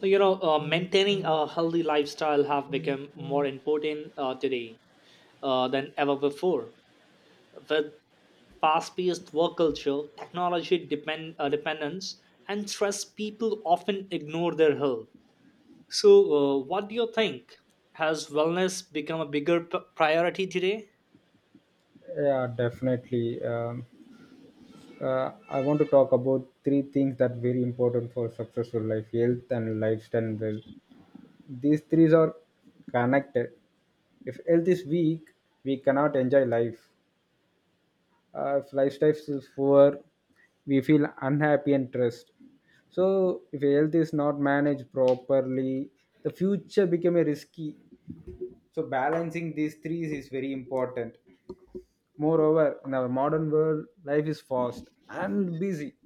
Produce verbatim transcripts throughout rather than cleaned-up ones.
Like, you know uh, maintaining a healthy lifestyle have become more important uh, today uh, than ever before with fast-paced work culture technology depend, uh, dependence and stress people often ignore their health. So uh, what do you think, has wellness become a bigger p- priority today? Yeah, definitely. Um, uh, I want to talk about three things that are very important for successful life: health and lifestyle and wealth. These three are connected. If health is weak, we cannot enjoy life. Uh, if lifestyle is poor, we feel unhappy and stressed. So, if health is not managed properly, the future become a risky. So, balancing these three is very important. Moreover, in our modern world, life is fast and busy,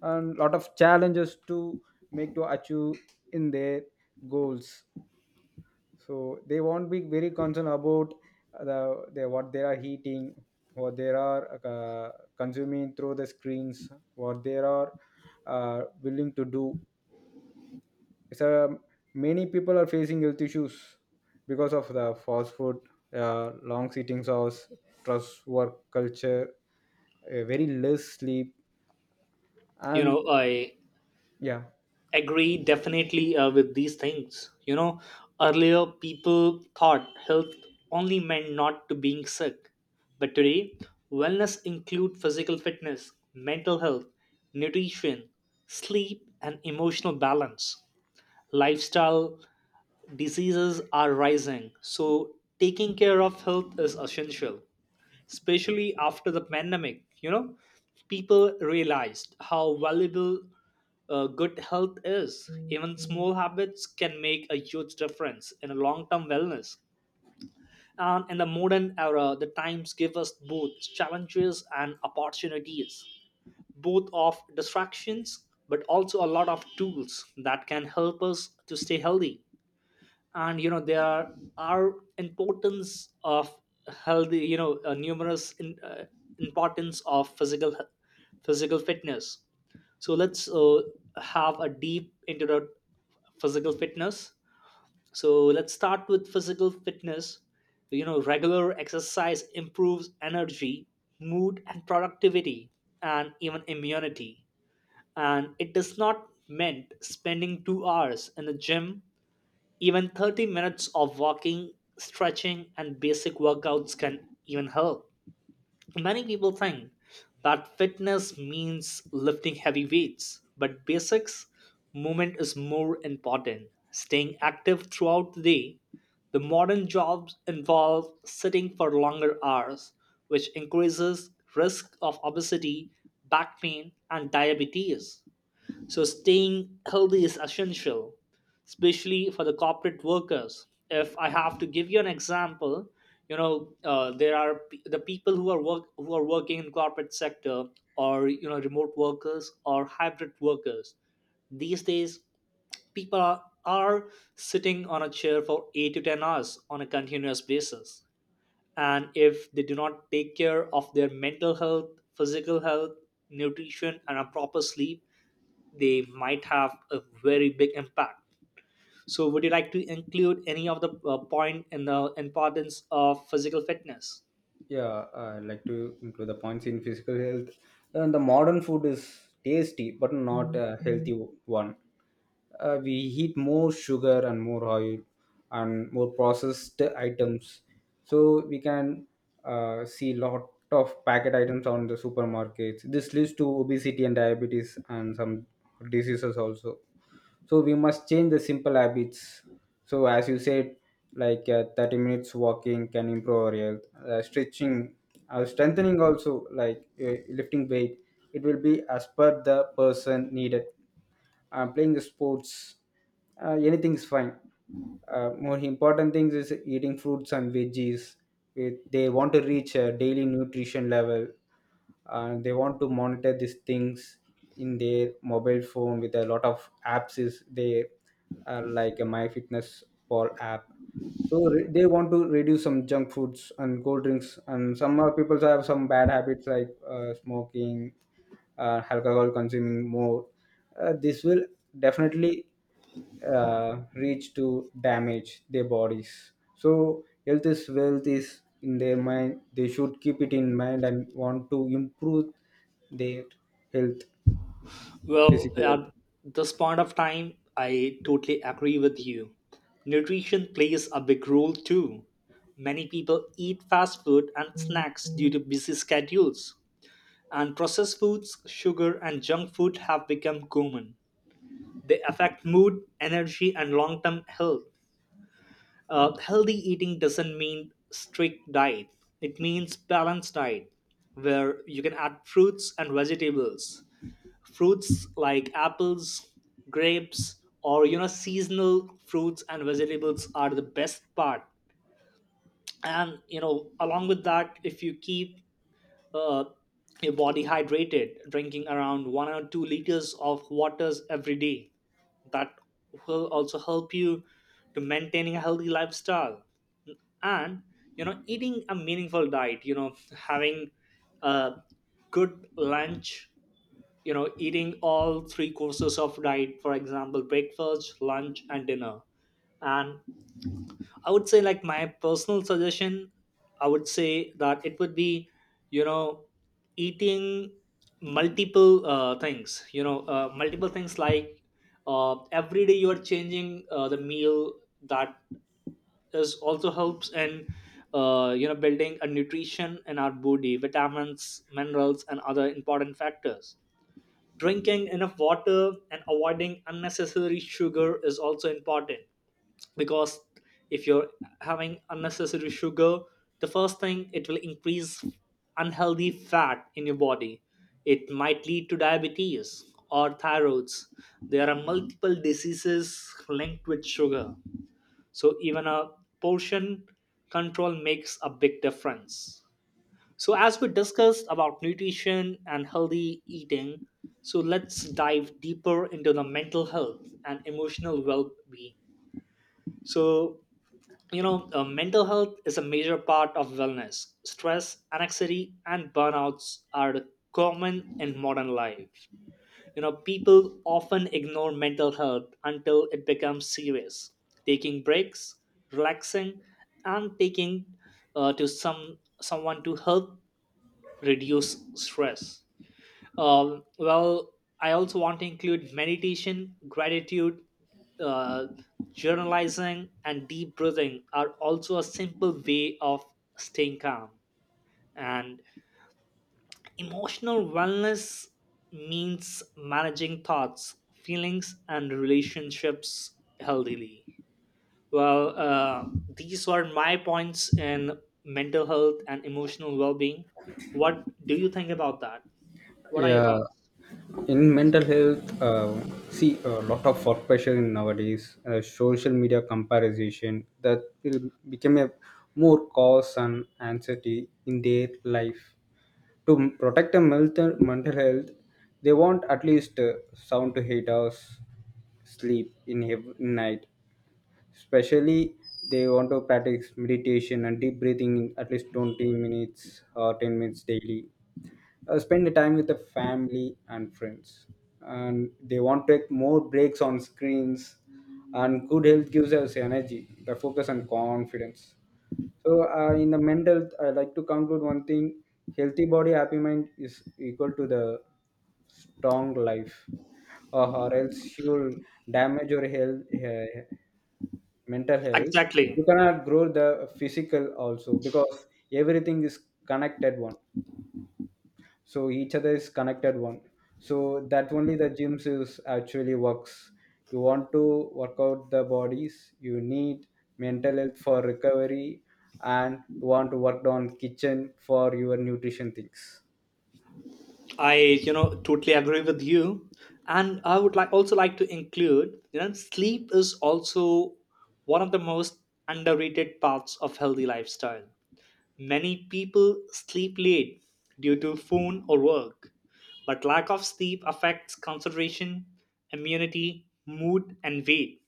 and lot of challenges to make to achieve in their goals. So they won't be very concerned about the, the what they are eating, what they are uh, consuming through the screens, what they are uh, willing to do, so many people are facing health issues because of the fast food, uh, long sitting hours, trust work culture, uh, very less sleep, you and know i yeah. agree definitely uh, with these things you know Earlier people thought health only meant not to being sick, but today wellness include physical fitness, mental health, nutrition, sleep and emotional balance. Lifestyle diseases are rising, so taking care of health is essential, especially after the pandemic you know People realized how valuable uh, good health is. Even small habits can make a huge difference in a long-term wellness. And in the modern era the times give us both challenges and opportunities, both of distractions but also a lot of tools that can help us to stay healthy. And you know there are importance of healthy, you know uh, numerous in, uh, importance of physical physical fitness. So let's uh, have a deep into the physical fitness. So let's start with physical fitness. You know, regular exercise improves energy, mood and productivity, and even immunity. And it is not meant spending two hours in the gym. Even thirty minutes of walking, stretching, and basic workouts can even help. Many people think that fitness means lifting heavy weights, but basics movement is more important. Staying active throughout the day. The modern jobs involve sitting for longer hours, which increases risk of obesity, back pain, and diabetes. So, staying healthy is essential, especially for the corporate workers. If I have to give you an example, you know, uh, there are p- the people who are work who are working in corporate sector, or you know, remote workers or hybrid workers. These days, people are, are sitting on a chair for eight to ten hours on a continuous basis, and if they do not take care of their mental health, physical health, nutrition, and a proper sleep they might have a very big impact. So, would you like to include any of the uh, point in the importance of physical fitness? Yeah, I like to include the points in physical health. And the modern food is tasty, but not a healthy one. Uh, we eat more sugar and more oil and more processed items. So we can uh, see lot of packet items on the supermarkets. This leads to obesity and diabetes and some diseases also, so we must change the simple habits. So as you said, like uh, thirty minutes walking can improve our health, uh, stretching, uh, strengthening also, like uh, lifting weight, it will be as per the person needed. Uh, playing sports, uh, anything is fine. Uh, more important things is eating fruits and veggies. It- they want to reach a daily nutrition level, and they want to monitor these things in their mobile phone with a lot of apps is there, uh, like a MyFitnessPal app. So re- they want to reduce some junk foods and cold drinks, and some uh, people have some bad habits like uh, smoking, uh, alcohol consuming more. Uh, this will definitely uh, reach to damage their bodies. So health is wealth is in their mind. They should keep it in mind and want to improve their health, Well, physical health. at this point of time, I totally agree with you. Nutrition plays a big role too. Many people eat fast food and snacks due to busy schedules, and processed foods, sugar, and junk food have become common. They affect mood, energy, and long term health. Uh, healthy eating doesn't mean strict diet. It means balanced diet, where you can add fruits and vegetables. Fruits like apples, grapes, or you know seasonal fruits and vegetables are the best part. And you know, along with that, if you keep uh, your body hydrated, drinking around one or two liters of waters every day, that will also help you to maintaining a healthy lifestyle. And you know, eating a meaningful diet, you know, having a good lunch, you know, eating all three courses of diet, for example breakfast, lunch and dinner. And I would say like my personal suggestion, I would say that it would be, you know, eating multiple uh, things, you know, uh, multiple things like uh, every day you are changing uh, the meal. That is also helps in, uh, you know, building a nutrition in our body, vitamins, minerals, and other important factors. Drinking enough water and avoiding unnecessary sugar is also important, because if you're having unnecessary sugar, the first thing it will increase unhealthy fat in your body. It might lead to diabetes or thyroids. There are multiple diseases linked with sugar, so even a portion control makes a big difference. So as we discussed about nutrition and healthy eating, so let's dive deeper into the mental health and emotional well-being. So you know uh, mental health is a major part of wellness. Stress, anxiety and burnouts are common in modern life. You know, people often ignore mental health until it becomes serious. Taking breaks, relaxing and taking uh, to some someone to help reduce stress. Um, well, I also want to include meditation, gratitude, uh, journalizing, and deep breathing are also a simple way of staying calm. And emotional wellness means managing thoughts, feelings, and relationships healthily. Well, uh, these were my points in mental health and emotional well being. What do you think about that? What are your Yeah, thoughts? in mental health, uh, see a lot of work pressure in nowadays. Uh, social media comparison that will become a more cause and anxiety in their life. To m- protect the mental mental health, they want at least uh, sound to eight hours sleep in every night. Especially, they want to practice meditation and deep breathing in at least twenty minutes or ten minutes daily. Uh, spend the time with the family and friends, and they want to take more breaks on screens. And good health gives us energy, the focus and confidence. So uh, in the mental health, I like to conclude one thing: healthy body happy mind is equal to the strong life. Or, or else you'll damage your health, uh, mental health. You Exactly. cannot grow the physical also, because everything is connected one. So each other is connected one. So that only the gyms is actually works. You want to work out the bodies, you need mental health for recovery, and you want to work on kitchen for your nutrition things. I, you know, totally agree with you. And I would like also like to include, you know, sleep is also one of the most underrated parts of healthy lifestyle. Many people sleep late due to phone or work, but lack of sleep affects concentration, immunity, mood, and weight.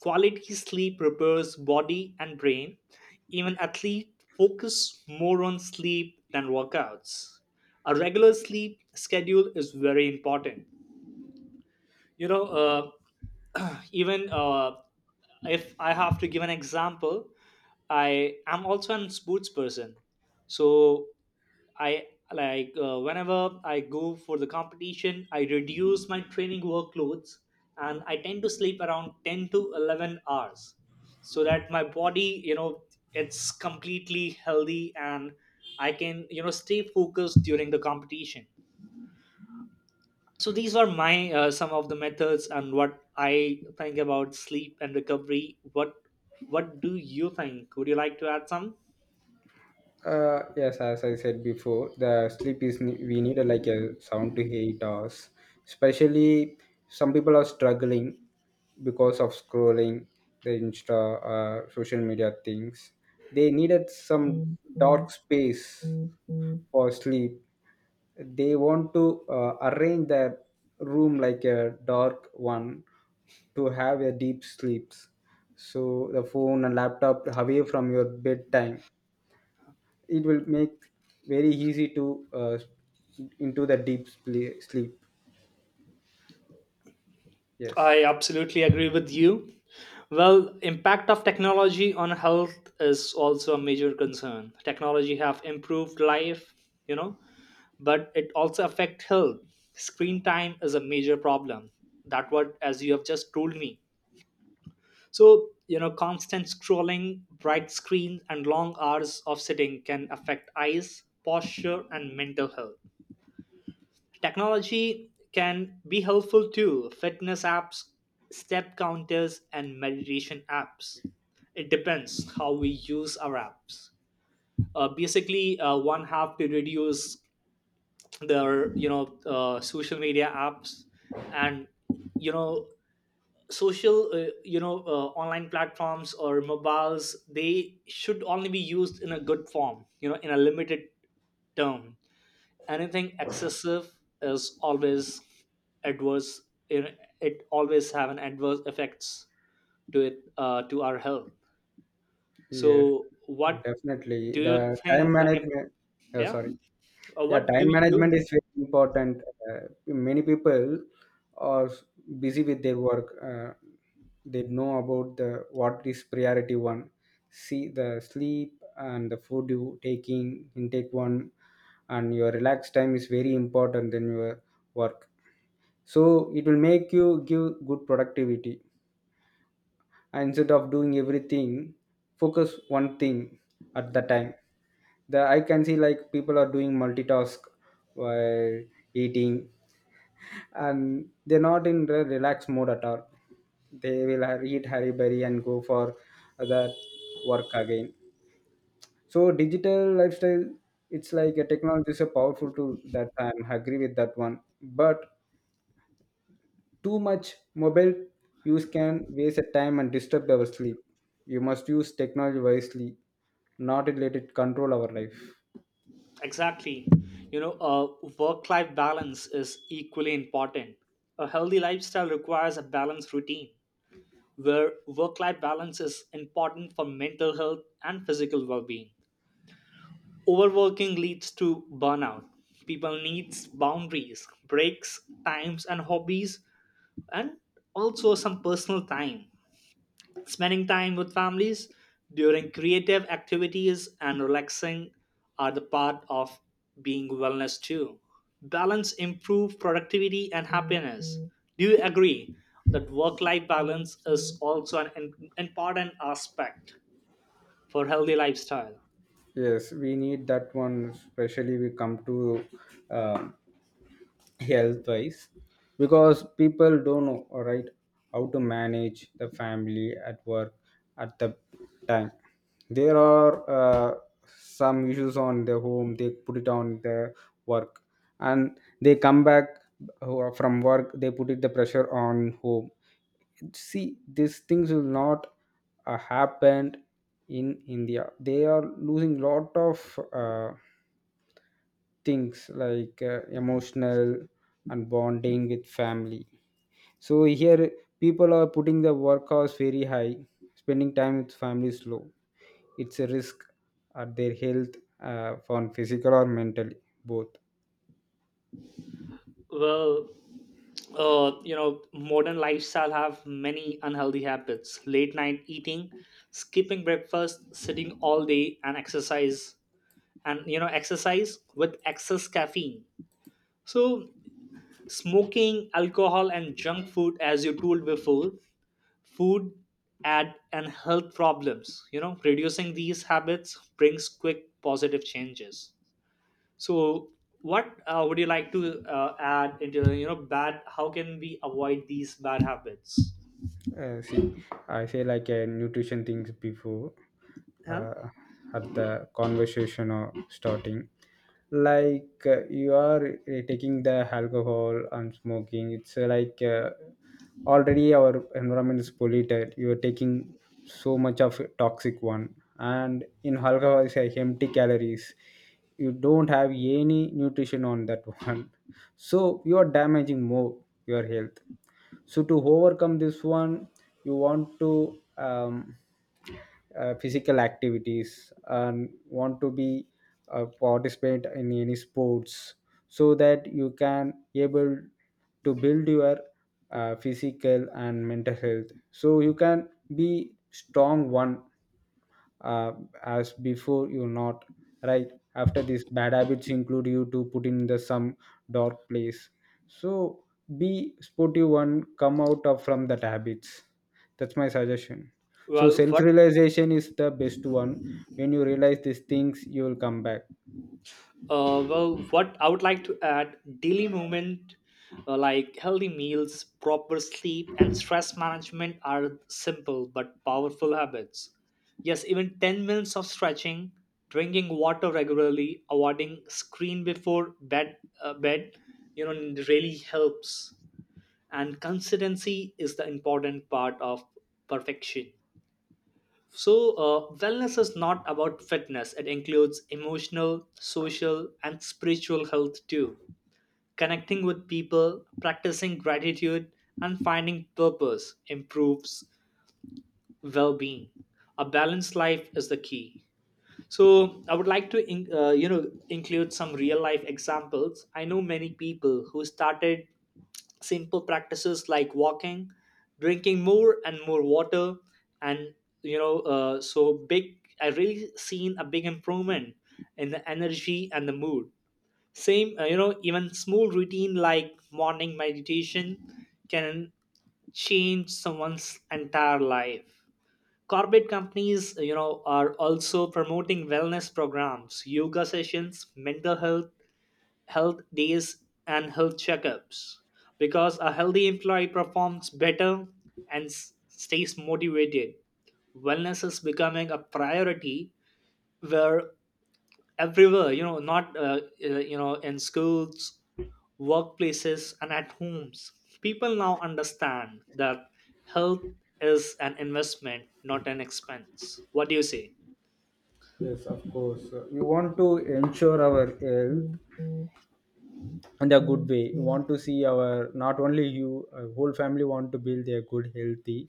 Quality sleep repairs body and brain. Even athletes focus more on sleep than workouts. A regular sleep schedule is very important. You know, uh, even uh, if I have to give an example, I am also an sports person. So I like uh, whenever I go for the competition, I reduce my training workloads and I tend to sleep around ten to eleven hours, so that my body, you know, it's completely healthy, and I can, you know, stay focused during the competition. So these are my uh, some of the methods and what I think about sleep and recovery. What what do you think? Would you like to add some? Uh, yes, as I said before, the sleep is ne- we need a, like a seven to eight hours. Especially, some people are struggling because of scrolling the Insta, uh, social media things. They needed some dark space for sleep. They want to uh, arrange their room like a dark one to have a deep sleeps. So the phone and laptop away from your bedtime, it will make very easy to uh, into the deep sle- sleep Yes. I absolutely agree with you. Well, impact of technology on health is also a major concern. Technology have improved life, you know, but it also affect health. Screen time is a major problem. That what as you have just told me. So, you know, constant scrolling, bright screens and long hours of sitting can affect eyes, posture and mental health. Technology can be helpful too. Fitness apps, step counters, and meditation apps. It depends how we use our apps. Uh, basically, uh, one have to reduce their you know uh, social media apps, and you know, social uh, you know uh, online platforms or mobiles. They should only be used in a good form. You know, in a limited term, anything excessive is always adverse. It, it always have an adverse effects to it, uh, to our health. Yes, So uh, what definitely do the you time think the im- management. uh, yeah, Sorry. Uh, yeah, what do time you, management is very important. Uh, many people are s- busy with their work. Uh, they know about the what is priority one. See, the sleep and the food you taking intake one, and your relax time is very important than your work. So it will make you give good productivity. And instead of doing everything, focus one thing at the time. The I can see like people are doing multitask while eating, and they're not in the relaxed mode at all. They will ha- eat harry berry and go for that work again. So digital lifestyle, it's like a technology is a powerful tool, that I'm agree with that one. But too much mobile use can waste your time and disturb our sleep. You must use technology wisely, not let it control our life. exactly, you know uh, work life balance is equally important. A healthy lifestyle requires a balanced routine where work life balance is important for mental health and physical well being. Overworking leads to burnout. People needs boundaries, breaks, times and hobbies, and also some personal time. Spending time with families, during creative activities and relaxing, are the part of being wellness too. Balance improve productivity and happiness. Do you agree that work life balance is also an im- important aspect for healthy lifestyle? Yes, we need that one, especially we come to um health wise, because people don't know, all right, how to manage the family at work at the time. There are uh, some issues on the home, they put it on the work, and they come back uh, from work, they put it the pressure on home. See, these things will not uh, happen. In India, they are losing lot of uh, things like uh, emotional and bonding with family. So here people are putting the work hours very high, spending time with family is low. It's a risk at their health, uh, on physical or mentally, both. Well, uh, you know, modern lifestyle have many unhealthy habits, late night eating, skipping breakfast, sitting all day and exercise, and you know exercise with excess caffeine. So smoking, alcohol and junk food, as you told before, food add and health problems. You know, reducing these habits brings quick positive changes. So, what uh, would you like to uh, add into, you know, bad? How can we avoid these bad habits? Uh, see, I say like uh, nutrition things before, Huh? uh, at the conversation or starting. Like uh, you are uh, taking the alcohol and smoking. It's uh, like uh, already our environment is polluted. You are taking so much of toxic one, and in alcohol is like empty calories. You don't have any nutrition on that one, so you are damaging more your health. So to overcome this one, you want to um, uh, physical activities and want to be uh, participate in any sports, so that you can able to build your uh, physical and mental health, so you can be strong one. uh, as before you not, right after these bad habits include you to put in the some dark place. So be sportive one, come out of from that habits. That's my suggestion. So Well, self what realization is the best one. When you realize these things, you will come back. uh, well what I would like to add daily movement, uh, like healthy meals, proper sleep, and stress management are simple but powerful habits. Yes, even ten minutes of stretching, drinking water regularly, avoiding screen before bed uh, bed, you know, really helps. And consistency is the important part of perfection. So uh, wellness is not about fitness, it includes emotional, social and spiritual health too. Connecting with people, practicing gratitude and finding purpose improves well-being. A balanced life is the key. So I would like to in, uh, you know, include some real life examples. I know many people who started simple practices like walking, drinking more and more water, and you know uh, so big I really seen a big improvement in the energy and the mood. Same uh, you know, even small routine like morning meditation can change someone's entire life. Corporate companies, you know, are also promoting wellness programs, yoga sessions, mental health, health days and health checkups, because a healthy employee performs better and s- stays motivated. Wellness is becoming a priority where everywhere, you know, not uh, uh, you know, in schools, workplaces and at homes, people now understand that health is an investment, not an expense. What do you say? Yes, of course. Uh, you want to ensure our health in a good way. We want to see our not only you uh, whole family want to build their good healthy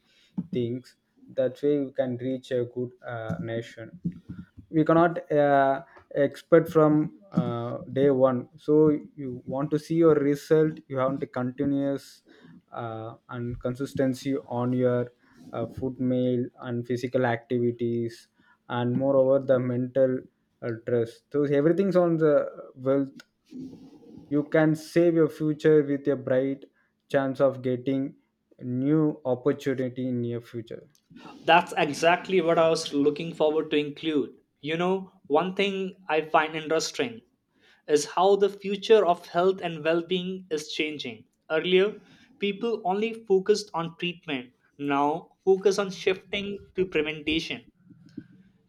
things. That way you can reach a good uh, nation. We cannot uh, expect from uh, day one. So you want to see your result, you have to continuous uh, and consistency on your uh, food meal and physical activities. And moreover the mental uh, stress. So everything's on the wealth, you can save your future with a bright chance of getting new opportunity in your future. That's exactly what I was looking forward to include. You know, one thing I find interesting is how the future of health and well being is changing. Earlier, people only focused on treatment, now, focus on shifting to prevention.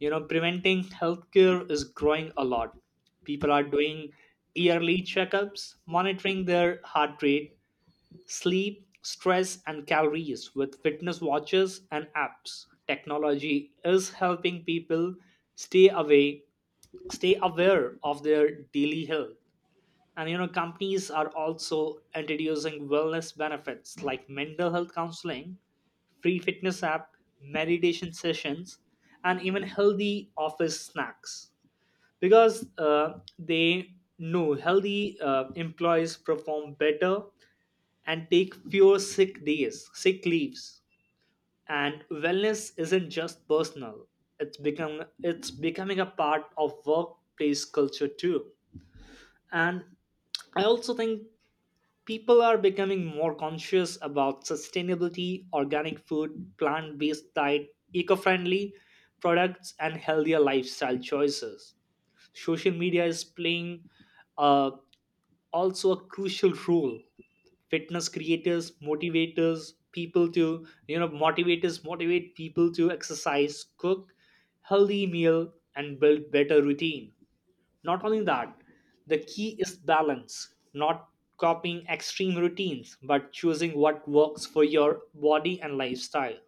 You know, preventing healthcare is growing a lot. People are doing yearly checkups, monitoring their heart rate, sleep, stress, and calories with fitness watches and apps. Technology is helping people stay away, stay aware of their daily health. And you know, companies are also introducing wellness benefits like mental health counseling, free fitness app, meditation sessions, and even healthy office snacks. Because uh, they know healthy uh, employees perform better and take fewer sick days, sick leaves. And wellness isn't just personal. It's become it's becoming a part of workplace culture too. And I also think people are becoming more conscious about sustainability, organic food, plant-based diet, eco-friendly products and healthier lifestyle choices. Social media is playing a also a crucial role. Fitness creators motivators people to, you know, motivators motivate people to exercise, cook healthy meal and build better routine. Not only that, the key is balance, not copying extreme routines but choosing what works for your body and lifestyle.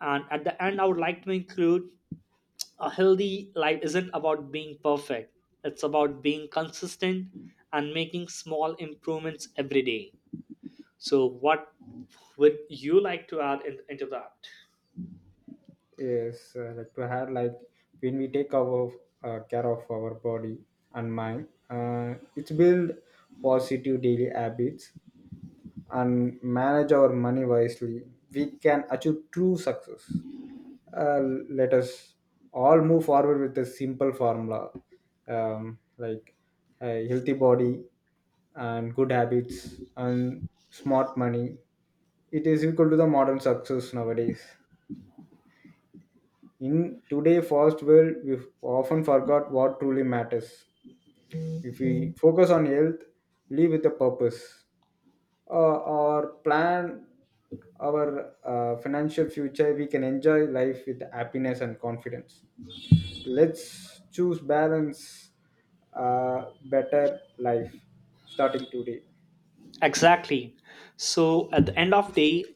And at the end I would like to include, a healthy life isn't about being perfect, it's about being consistent and making small improvements every day. So what would you like to add in, into that? Yes, uh, like to have like when we take our uh, care of our body and mind, uh, it's build positive daily habits and manage our money wisely. We can achieve true success. uh, Let us all move forward with a simple formula, um, like a healthy body and good habits and smart money, it is equal to the modern success nowadays. In today fast world, we often forgot what truly matters. If we focus on health, live with a purpose, uh, or plan our uh, financial future, we can enjoy life with happiness and confidence. Let's choose balance, uh, better life, starting today. Exactly. So at the end of day,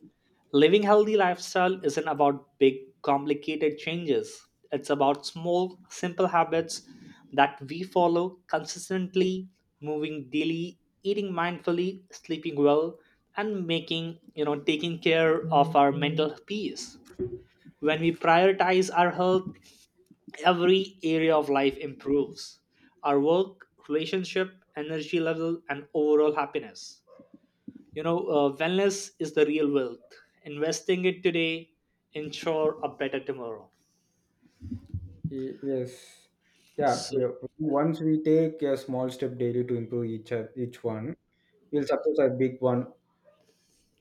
living healthy lifestyle isn't about big complicated changes. It's about small simple habits that we follow consistently, moving daily, eating mindfully, sleeping well and making, you know, taking care of our mental peace. When we prioritize our health, every area of life improves. Our work, relationship, energy level and overall happiness. You know, uh, wellness is the real wealth. Investing it today ensure a better tomorrow. Y- Yes. Yeah, So, we are, once we take a small step daily to improve each, o- each one, we'll success a big one,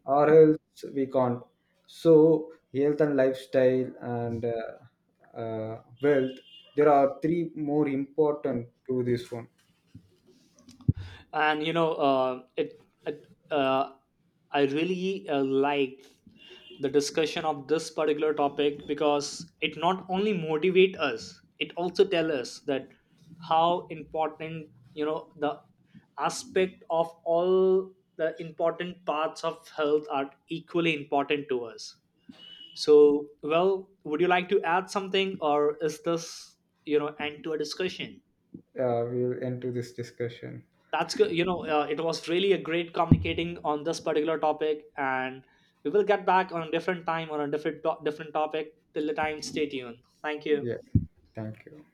or else we can't. So, health and lifestyle and uh, uh, wealth, there are three more important to this one. and you know, uh, it, it uh, I really uh, like the discussion of this particular topic, because it not only motivate us, it also tell us that how important, you know, the aspect of all the important parts of health are equally important to us. So, well, would you like to add something, or is this, you know, end to a discussion? Uh, we'll end to this discussion. That's good. You know, uh, it was really a great communicating on this particular topic, and we will get back on a different time on a different to- different topic. Till the time, stay tuned. Thank you. Yeah. Thank you.